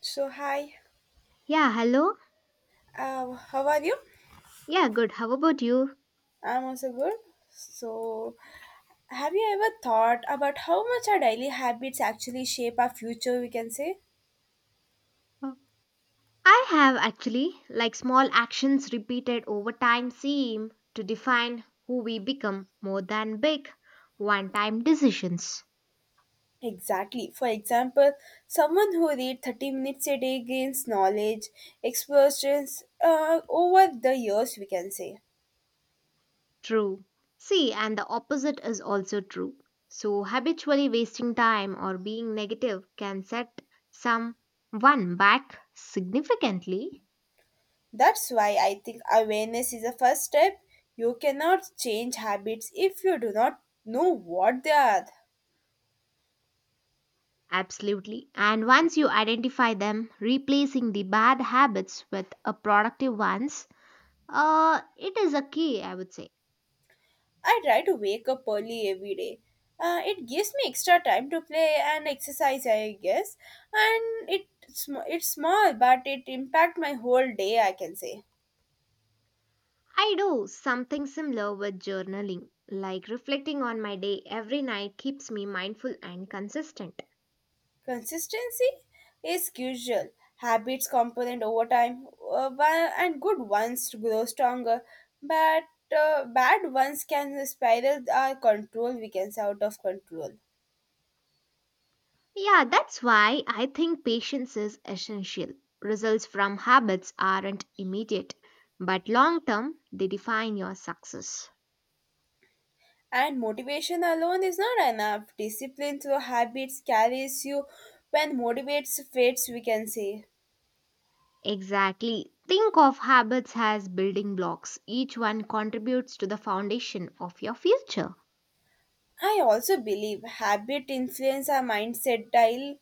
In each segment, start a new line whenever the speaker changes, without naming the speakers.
So hi,
Yeah, hello.
how are you?
Yeah, good. How about you?
I'm also good. So, have you ever thought about how much our daily habits actually shape our future? We can say
Uh, I have actually, like small actions repeated over time seem to define who we become more than big one time decisions.
exactly. For example, someone who reads 30 minutes a day gains knowledge, experience over the years. We can say
True. See, and the opposite is also true. So, habitually wasting time or being negative can set someone back significantly.
that's why I think awareness is the first step. You cannot change habits if you do not know what they are.
Absolutely. And once you identify them, replacing the bad habits with a productive ones. It is a key, I would say.
I try to wake up early every day. It gives me extra time to play and exercise, I guess. And it's small, but it impact my whole day. I can say
I do something similar with journaling, like reflecting on my day every night keeps me mindful and consistent.
consistency is crucial. Habits component over time, and good ones to grow stronger, but bad ones can spiral our control. We can say out of control.
Yeah, that's why I think patience is essential. Results from habits aren't immediate, but long term, they define your success.
And motivation alone is not enough. Discipline through habits carries you when motivates fades, we can say.
Exactly. Think of habits as building blocks, each one contributes to the foundation of your future.
I also believe habit influence our mindset. Daily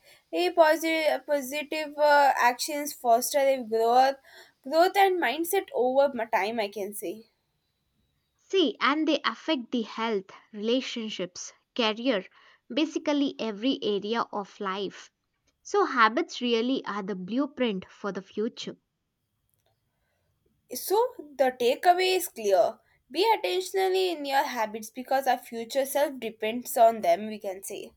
positive actions foster a growth, growth and mindset over my time, I can say.
See, and they affect the health, relationships, career, basically every area of life. So, habits really are the blueprint for the future.
So the takeaway is clear. Be attentionally in your habits because our future self depends on them, we can say.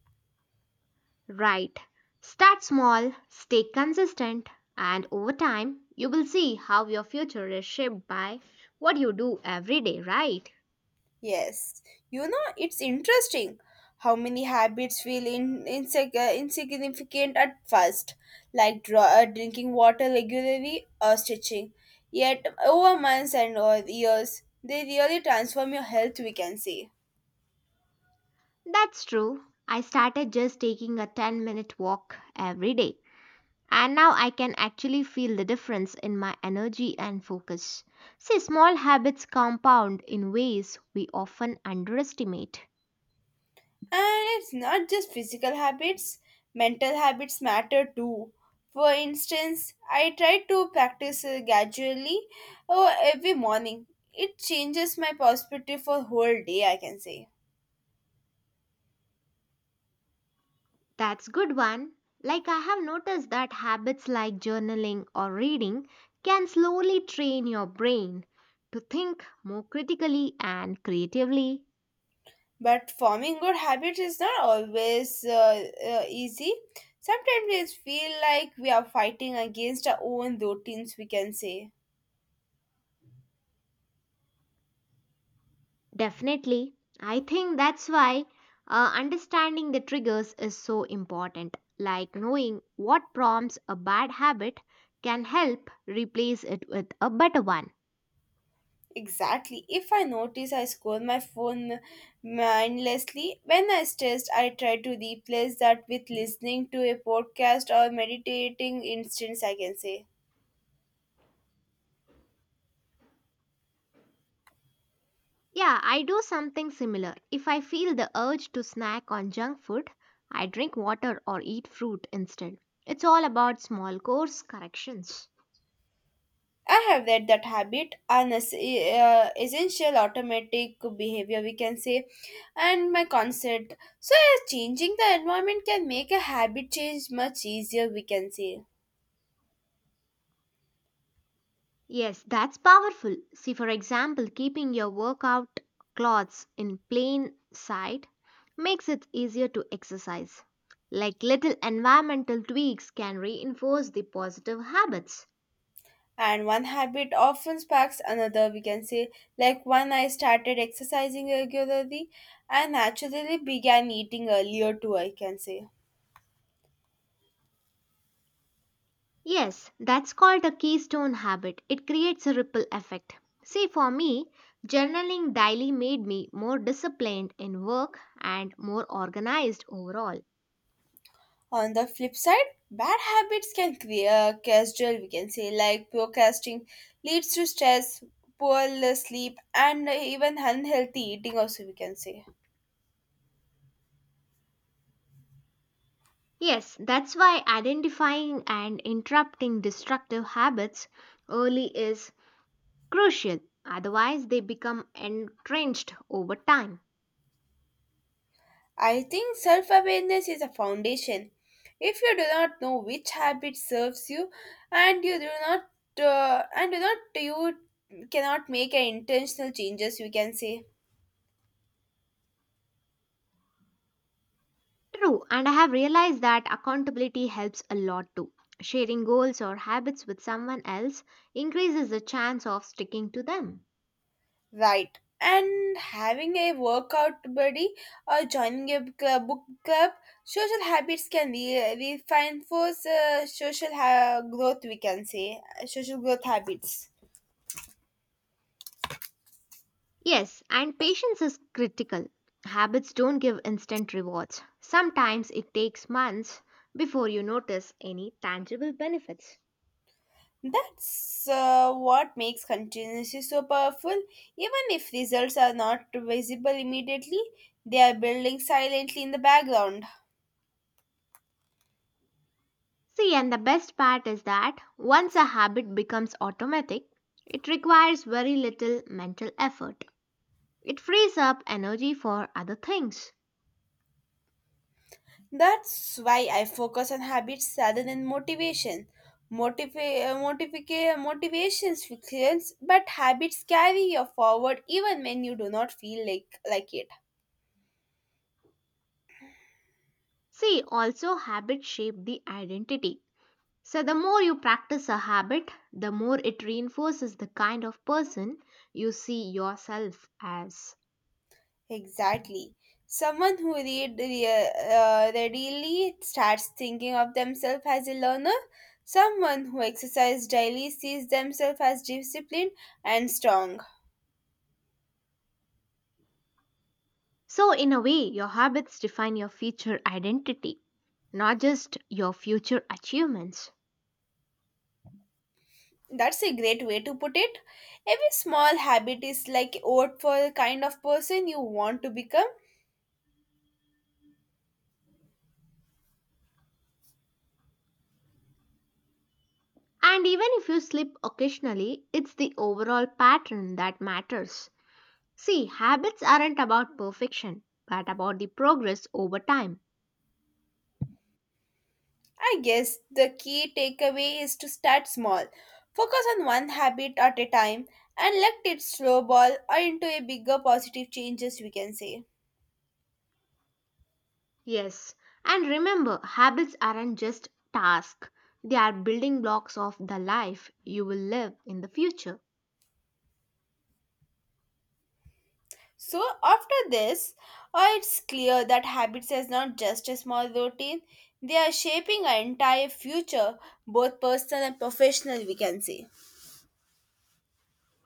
Right. Start small, stay consistent, and over time, you will see how your future is shaped by what you do every day, right?
Yes, you know, it's interesting how many habits feel insignificant at first, like drinking water regularly or stitching. Yet, over months and or years, they really transform your health, we can say.
That's true. I started just taking a 10-minute walk every day. And now I can actually feel the difference in my energy and focus. See, small habits compound in ways we often underestimate.
And it's not just physical habits, mental habits matter too. For instance, I try to practice gradually every morning. It changes my perspective for whole day, I can say.
That's good one. Like I have noticed that habits like journaling or reading can slowly train your brain to think more critically and creatively.
But forming good habits is not always easy. Sometimes it feel like we are fighting against our own routines, we can say.
Definitely. I think that's why understanding the triggers is so important. Like knowing what prompts a bad habit can help replace it with a better one.
Exactly. If I notice I scroll my phone mindlessly, when I stressed, I try to replace that with listening to a podcast or meditating instance, I can say.
Yeah, I do something similar. If I feel the urge to snack on junk food, I drink water or eat fruit instead. It's all about small course corrections.
I have that habit, an essential automatic behavior, we can say, and my concept. So, yeah, changing the environment can make a habit change much easier, we can say.
Yes, that's powerful. See, for example, keeping your workout clothes in plain sight makes it easier to exercise. Like little environmental tweaks can reinforce the positive habits.
And one habit often sparks another, we can say. Like when I started exercising regularly, I naturally began eating earlier too, I can say.
Yes, that's called a keystone habit. It creates a ripple effect. See, for me, journaling daily made me more disciplined in work and more organized overall.
On the flip side, bad habits can create a casual, we can say, like procrastinating leads to stress, poor sleep, and even unhealthy eating, also, we can say.
Yes, that's why identifying and interrupting destructive habits early is crucial. Otherwise, they become entrenched over time.
I think self awareness is a foundation. If you do not know which habit serves you, and you do not, and do not, you cannot make an intentional changes, we can say.
True, and I have realized that accountability helps a lot too. Sharing goals or habits with someone else increases the chance of sticking to them.
Right. And having a workout buddy or joining a club, book club, social habits can reinforce growth, we can say, social growth habits.
Yes, and patience is critical. Habits don't give instant rewards. Sometimes it takes months before you notice any tangible benefits.
That's what makes continuously so powerful. Even if results are not visible immediately, they are building silently in the background.
See, and the best part is that once a habit becomes automatic, it requires very little mental effort. It frees up energy for other things.
That's why I focus on habits rather than motivation. Motivations fuels, but habits carry you forward even when you do not feel like it.
See, also habits shape the identity. So the more you practice a habit, the more it reinforces the kind of person you see yourself as.
Exactly. Someone who readily starts thinking of themselves as a learner. Someone who exercises daily sees themselves as disciplined and strong.
So in a way, your habits define your future identity, not just your future achievements.
That's a great way to put it. Every small habit is like a vote for the kind of person you want to become.
And even if you slip occasionally, it's the overall pattern that matters. See, habits aren't about perfection, but about the progress over time.
I guess the key takeaway is to start small. Focus on one habit at a time and let it snowball into a bigger positive changes we can say.
Yes, and remember, habits aren't just tasks, they are building blocks of the life you will live in the future.
So after this, it's clear that habits is not just a small routine. They are shaping our entire future, both personal and professional we can say.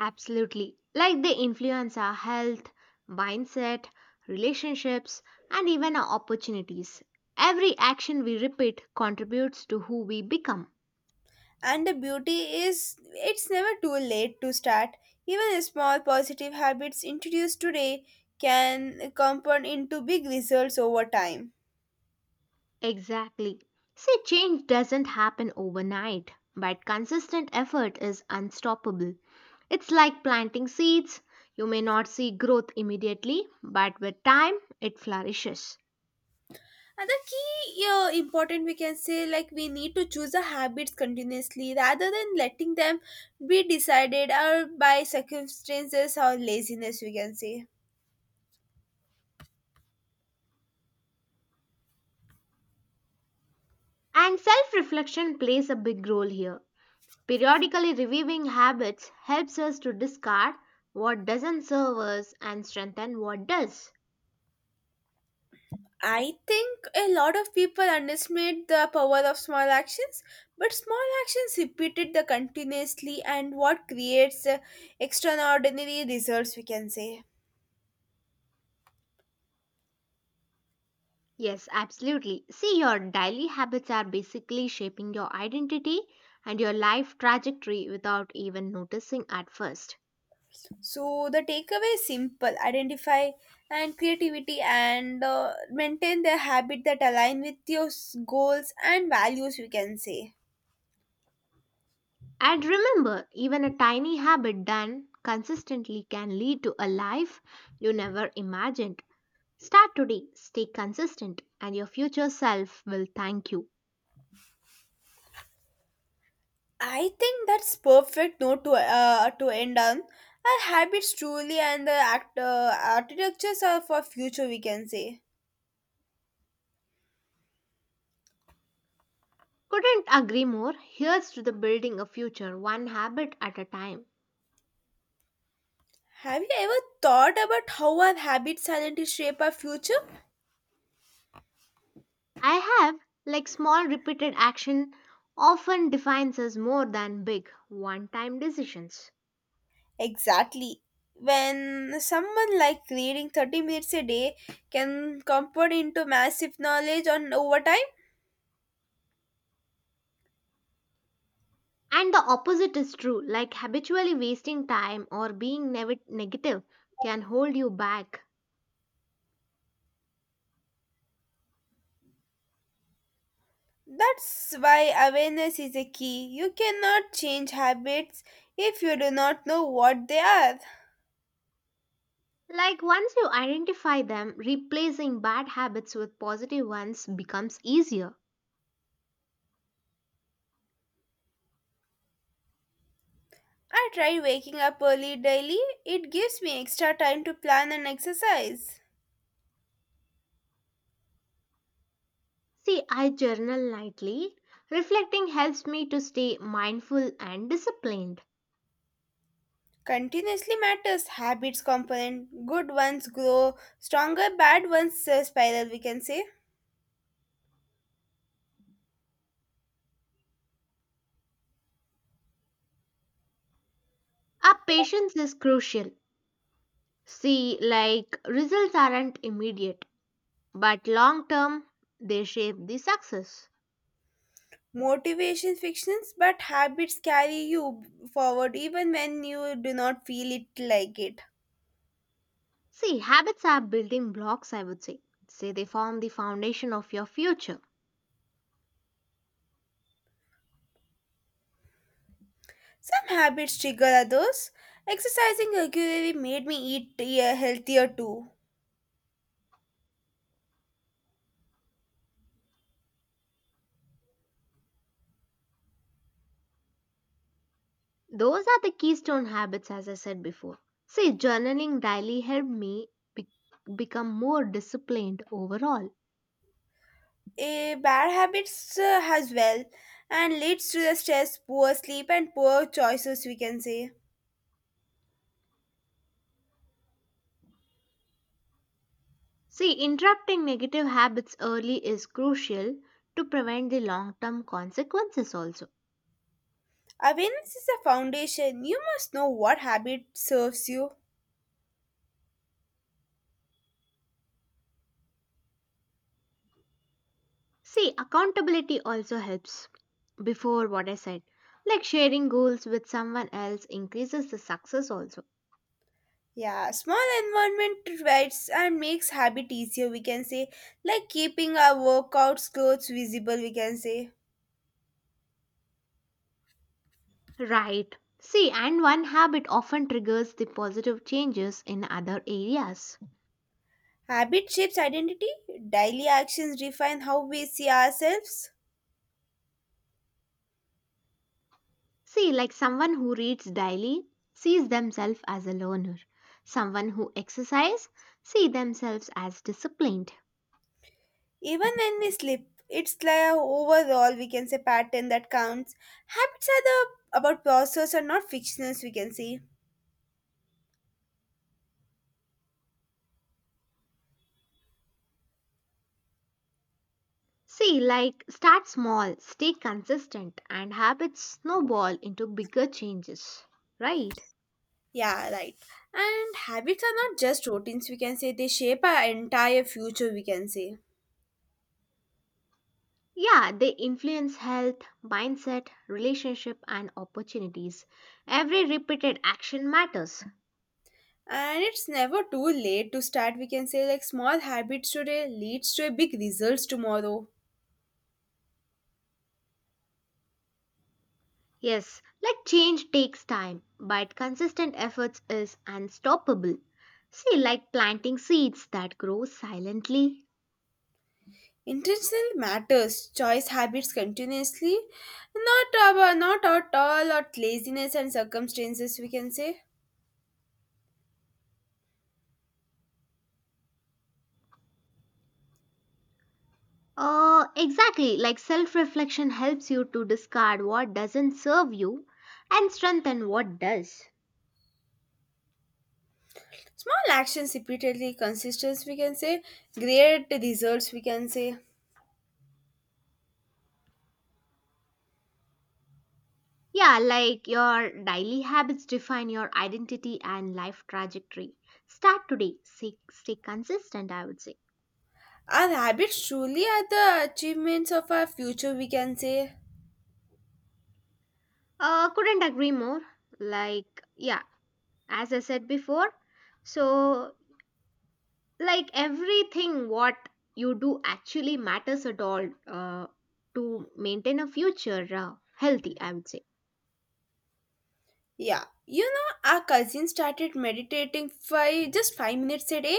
Absolutely. Like they influence our health, mindset, relationships, and even our opportunities. Every action we repeat contributes to who we become.
And the beauty is, it's never too late to start. Even small positive habits introduced today can compound into big results over time.
Exactly. See, change doesn't happen overnight, but consistent effort is unstoppable. It's like planting seeds. You may not see growth immediately, but with time, it flourishes.
Another key important we can say like we need to choose the habits continuously rather than letting them be decided or by circumstances or laziness we can say.
And self reflection plays a big role here. Periodically reviewing habits helps us to discard what doesn't serve us and strengthen what does.
I think a lot of people underestimate the power of small actions, but small actions repeated the continuously and what creates extraordinary results we can say.
Yes, absolutely. See, your daily habits are basically shaping your identity and your life trajectory without even noticing at first.
So the takeaway is simple: identify and creativity and maintain the habit that align with your goals and values we can say.
And remember, even a tiny habit done consistently can lead to a life you never imagined. Start today, stay consistent, and your future self will thank you.
I think that's perfect note to to end on. Our habits truly and the architectures are for future we can say.
Couldn't agree more. Here's to the building a future one habit at a time.
Have you ever thought about how our habits silently shape our future?
I have, like small repeated action often defines us more than big one time decisions.
Exactly. When someone like reading 30 minutes a day can compound into massive knowledge on over time,
And the opposite is true, like habitually wasting time or being negative can hold you back.
that's why awareness is a key. You cannot change habits if you do not know what they are.
Like once you identify them, replacing bad habits with positive ones becomes easier.
I try waking up early daily, it gives me extra time to plan and exercise.
See, I journal nightly. Reflecting helps me to stay mindful and disciplined.
Continuously matters habits component good ones grow stronger bad ones spiral we can say
Our patience is crucial. See, like results aren't immediate, but long term they shape the success.
motivation fictions but habits carry you forward even when you do not feel it like it
See, habits are building blocks, I would say. Say they form the foundation of your future.
some habits trigger others exercising regularly made me eat healthier too
Those are the keystone habits, as I said before. See, journaling daily helped me be- become more disciplined overall.
a bad habits as well and leads to the stress poor sleep and poor choices we can say.
See, interrupting negative habits early is crucial to prevent the long term consequences also.
Awareness is a foundation. You must know what habit serves you.
See, accountability also helps. Before what I said, like sharing goals with someone else increases the success also.
Yeah, small environment provides and makes habit easier, we can say. Like keeping our workouts clothes visible, we can say.
Right. See, and one habit often triggers the positive changes in other areas.
Habit shapes identity. Daily actions define how we see ourselves.
See, like someone who reads daily sees themselves as a learner. Someone who exercise see themselves as disciplined.
Even when we sleep, it's like a overall, we can say, pattern that counts. Habits are the about process and not fictions, we can say.
See, like start small, stay consistent, and habits snowball into bigger changes. Right?
Yeah, right. And habits are not just routines, we can say. They shape our entire future, we can say.
Yeah, they influence health, mindset, relationship, and opportunities. Every repeated action matters.
And it's never too late to start, we can say. Like small habits today leads to a big results tomorrow.
Yes, like change takes time, but consistent efforts is unstoppable. See, like planting seeds that grow silently.
Intentional matters. Choice habits continuously. Not our, not at all at laziness and circumstances, we can say.
Exactly, like self reflection helps you to discard what doesn't serve you and strengthen what does.
Small actions repeatedly, consistency, we can say. Great results, we can say.
Yeah, like your daily habits define your identity and life trajectory. Start today, stay consistent, I would say.
Our habits truly are the achievements of our future, we can say.
Couldn't agree more. Like, yeah, as I said before, so like everything what you do actually matters at all, to maintain a future, healthy, I would say.
Yeah, you know, our cousin started meditating five just 5 minutes a day.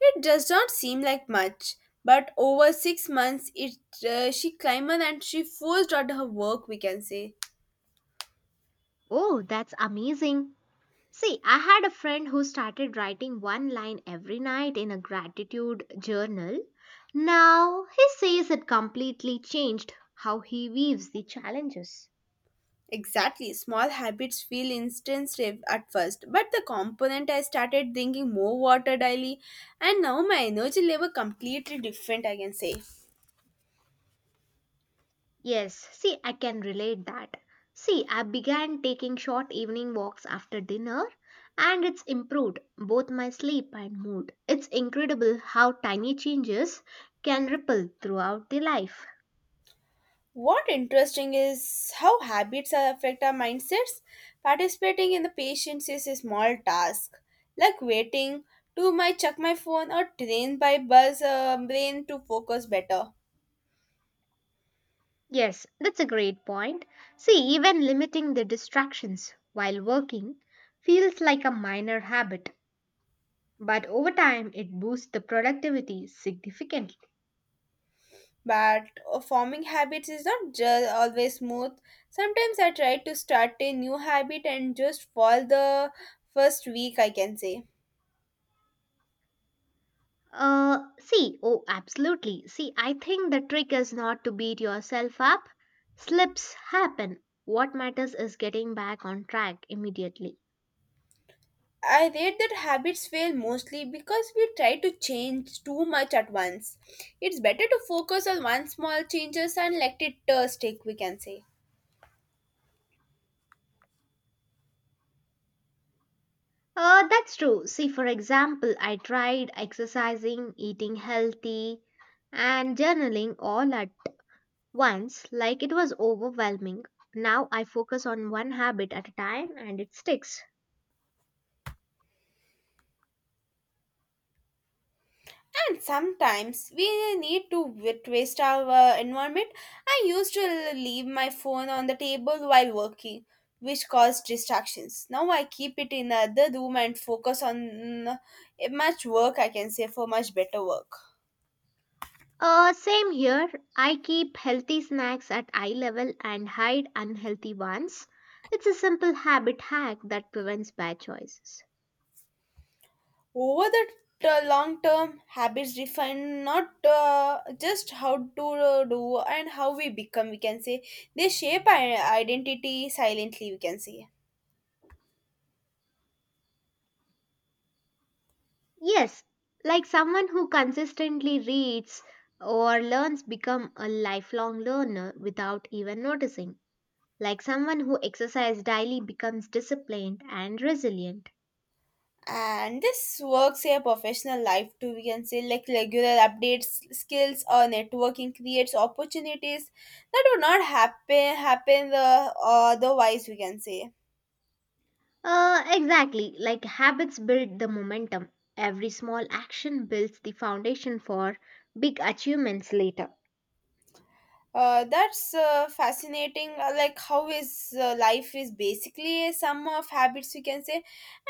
It does not seem like much, but over 6 months, it she climbed and she forced out her work. We can say
Oh, that's amazing. See, I had a friend who started writing one line every night in a gratitude journal. Now he says it completely changed how he views the challenges.
exactly. Small habits feel instinctive at first, but the component I started drinking more water daily, and now my energy level completely different. I can say.
Yes, see, I can relate that. See, I began taking short evening walks after dinner and it's improved both my sleep and mood. It's incredible how tiny changes can ripple throughout the life.
What interesting is how habits affect our mindsets. Participating in the patience is a small task, like waiting to my check my phone or train by bus brain to focus better.
Yes, that's a great point. See, even limiting the distractions while working feels like a minor habit, but over time it boosts the productivity significantly.
But forming habits is not just always smooth. Sometimes I try to start a new habit and just fall the first week, I can say.
See, oh, absolutely. See, I think the trick is not to beat yourself up. Slips happen. What matters is getting back on track immediately.
I read that habits fail mostly because we try to change too much at once. It's better to focus on one small changes and let it stick, we can say.
That's true. See, for example, I tried exercising, eating healthy, and journaling all at once, like it was overwhelming. Now I focus on one habit at a time and it sticks.
And sometimes we need to waste our environment. I used to leave my phone on the table while working, which caused distractions. Now I keep it in another room and focus on mm, much work, I can say, for much better work.
Same here. I keep healthy snacks at eye level and hide unhealthy ones. It's a simple habit hack that prevents bad choices.
Over the long term habits define not just how to do and how we become we can say they shape our identity silently we can say
Yes, like someone who consistently reads or learns become a lifelong learner without even noticing. Like someone who exercises daily becomes disciplined and resilient.
and this works a professional life too we can say like regular updates skills or networking creates opportunities that would not happen otherwise we can say.
Exactly. Like habits build the momentum. Every small action builds the foundation for big achievements later.
That's fascinating. Like how is life is basically a sum of habits we can say,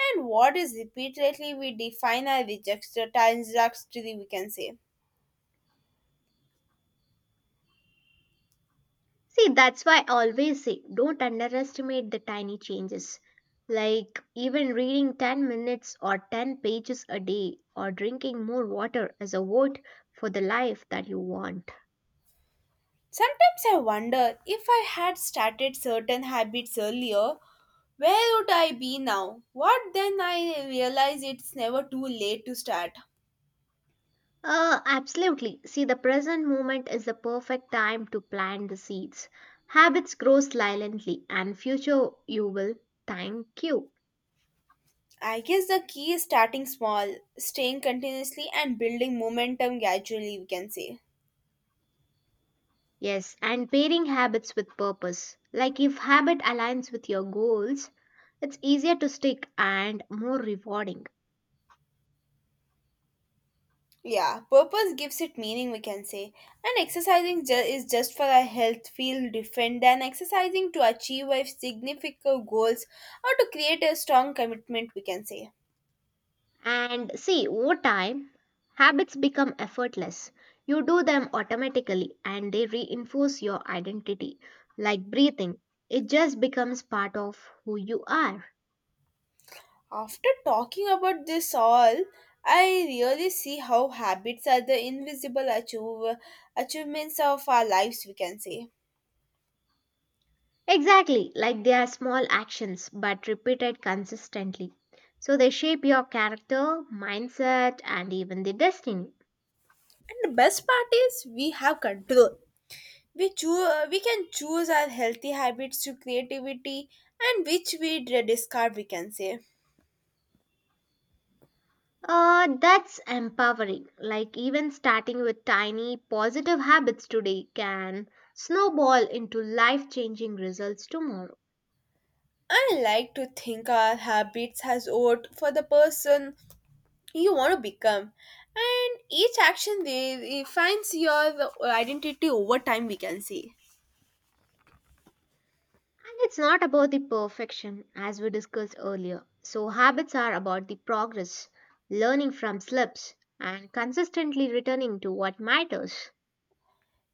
and what is repeatedly we define our reject trajectory we can say.
See, that's why I always say don't underestimate the tiny changes. Like even reading 10 minutes or 10 pages a day or drinking more water as a vote for the life that you want.
Sometimes I wonder if I had started certain habits earlier, where would I be now? What then I realize it's never too late to start.
Absolutely. See, the present moment is the perfect time to plant the seeds. Habits grow silently, and future you will thank you.
I guess the key is starting small, staying continuously, and building momentum gradually. We can say.
Yes, and pairing habits with purpose. Like if habit aligns with your goals, it's easier to stick and more rewarding.
Yeah, purpose gives it meaning, we can say. And exercising is just for our health, feel different than exercising to achieve our significant goals or to create a strong commitment, we can say.
And see, over time, habits become effortless. You do them automatically and they reinforce your identity. Like breathing, it just becomes part of who you are.
After talking about this all, I really see how habits are the invisible achievements of our lives, we can say.
Exactly, like they are small actions but repeated consistently. So they shape your character, mindset, and even the destiny.
And the best part is we have control. We we can choose our healthy habits to creativity and which we discard, we can say.
That's empowering. Like, even starting with tiny positive habits today can snowball into life changing results tomorrow.
I like to think our habits has owed for the person you want to become. And each action they defines your identity over time we can say.
And it's not about the perfection, as we discussed earlier. So, habits are about the progress, learning from slips, and consistently returning to what matters.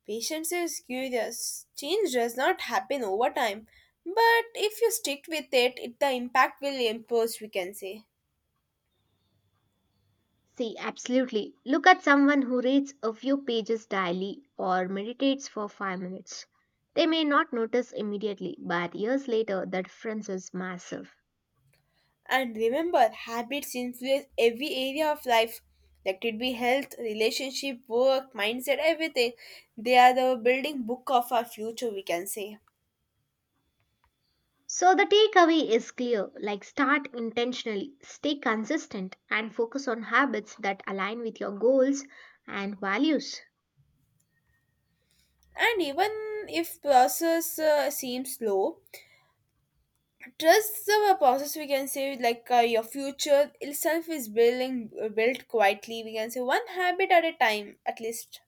Patience is curious. Change does not happen over time. But if you stick with it, it the impact will impose we can say.
See, absolutely. Look at someone who reads a few pages daily or meditates for 5 minutes. They may not notice immediately, but years later, the difference is massive.
And remember habits influence every area of life. That could be health, relationship, work, mindset, everything. They are the building book of our future we can say.
So, the takeaway is clear like, start intentionally, stay consistent, and focus on habits that align with your goals and values.
And even if process seems slow trust the process we can say like your future itself is building built quietly we can say one habit at a time at least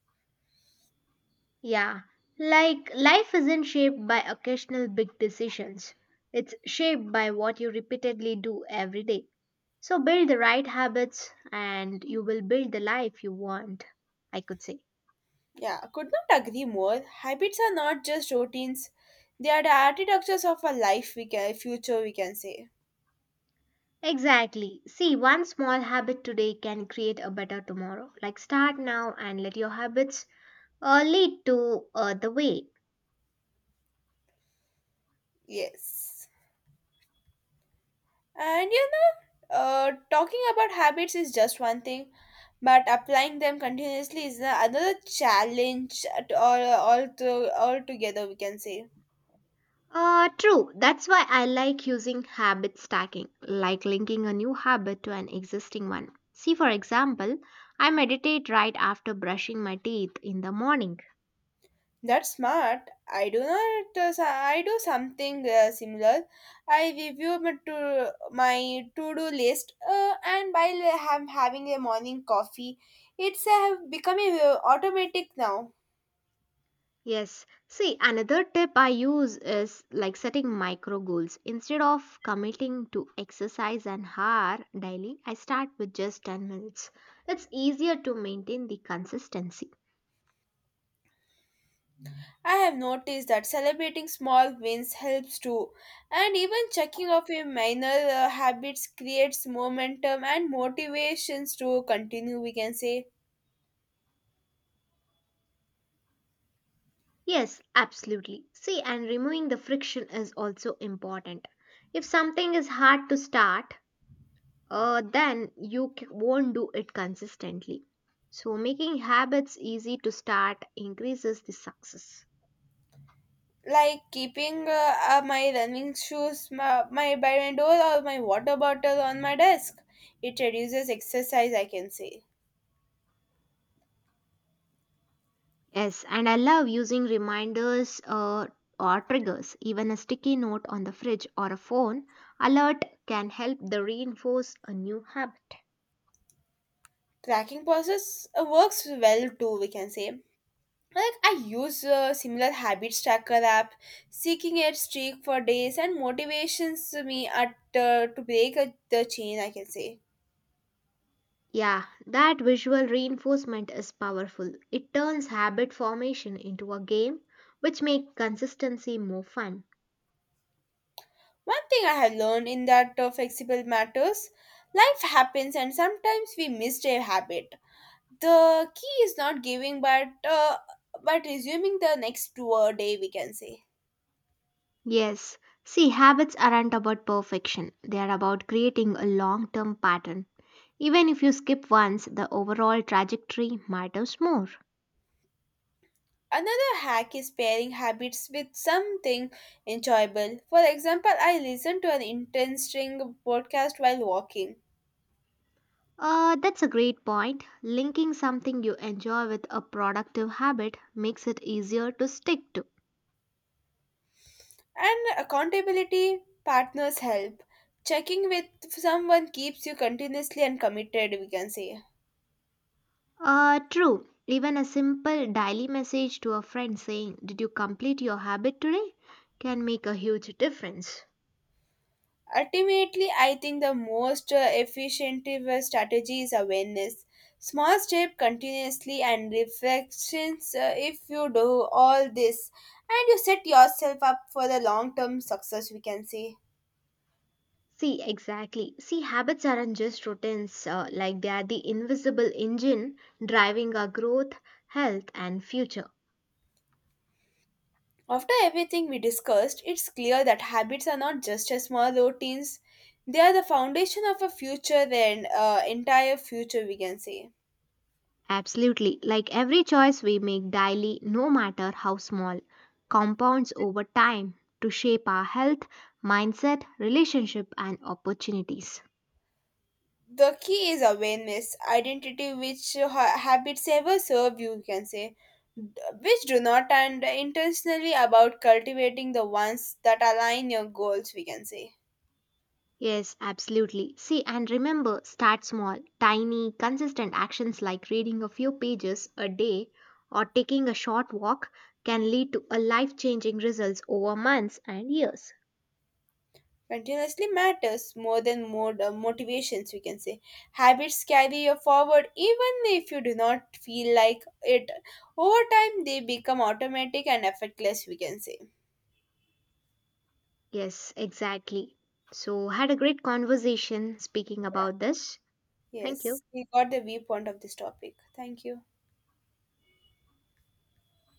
Yeah, like life isn't shaped by occasional big decisions. It's shaped by what you repeatedly do every day. So build the right habits and you will build the life you want, I could say.
yeah could not agree more habits are not just routines they are the architectures of a life we can future we can say
Exactly. See, one small habit today can create a better tomorrow. Like start now and let your habits lead to the way.
yes. And you know, talking about habits is just one thing, but applying them continuously is another challenge at all, to, all together, we can say.
True. That's why I like using habit stacking, like linking a new habit to an existing one. See, for example, I meditate right after brushing my teeth in the morning.
That's smart. I do not. I do something similar. I review my to do list, and while I am having a morning coffee, it's become automatic now.
Yes. See, another tip I use is like setting micro goals. Instead of committing to exercise an hour daily, I start with just 10 minutes. It's easier to maintain the consistency.
I have noticed that celebrating small wins helps too, and even checking off your minor habits creates momentum and motivations to continue. We can say,
Yes, absolutely. See, and removing the friction is also important. If something is hard to start, then you won't do it consistently. So, making habits easy to start increases the success.
like keeping my running shoes my by my door or my water bottle on my desk. It reduces exercise. I can say
Yes, and I love using reminders, or triggers. Even a sticky note on the fridge or a phone alert can help the reinforce a new habit.
tracking process works well too. We can say like I use a similar habits tracker app, seeking a streak for days and motivations me at to break the chain. I can say
Yeah, that visual reinforcement is powerful. It turns habit formation into a game, which makes consistency more fun.
one thing I have learned in that flexible matters. Life happens, and sometimes we miss a habit. The key is not giving, but uh, but resuming the next 2 day. We can say
Yes, see, habits aren't about perfection, they are about creating a long term pattern. Even if you skip once, the overall trajectory matters more.
another hack is pairing habits with something enjoyable. For example, I listen to an interesting podcast while walking.
That's a great point. Linking something you enjoy with a productive habit makes it easier to stick to.
And accountability partners help. Checking with someone keeps you continuously and committed, we can say.
True. Even a simple daily message to a friend saying, "Did you complete your habit today?" can make a huge difference.
Ultimately, I think the most efficient strategy is awareness. Small step continuously and reflections if you do all this and you set yourself up for the long term success, we can say.
See, exactly. See, habits aren't just routines, like they are the invisible engine driving our growth, health, and future.
After everything we discussed, it's clear that habits are not just a small routines, they are the foundation of a future, then entire future, we can say.
Absolutely. Like every choice we make daily, no matter how small, compounds over time to shape our health, mindset, relationship, and opportunities.
The key is awareness, identity, which habits ever serve you, we can say, which do not, and intentionally about cultivating the ones that align your goals, we can say.
Yes, absolutely. See, and remember, start small. Tiny, consistent actions like reading a few pages a day or taking a short walk can lead to a life-changing results over months and years.
Continuously matters more than motivations we can say habits carry you forward even if you do not feel like it over time they become automatic and effortless we can say
Yes, exactly. So, had a great conversation speaking about this. Thank
yes
you.
we got the viewpoint of this topic thank you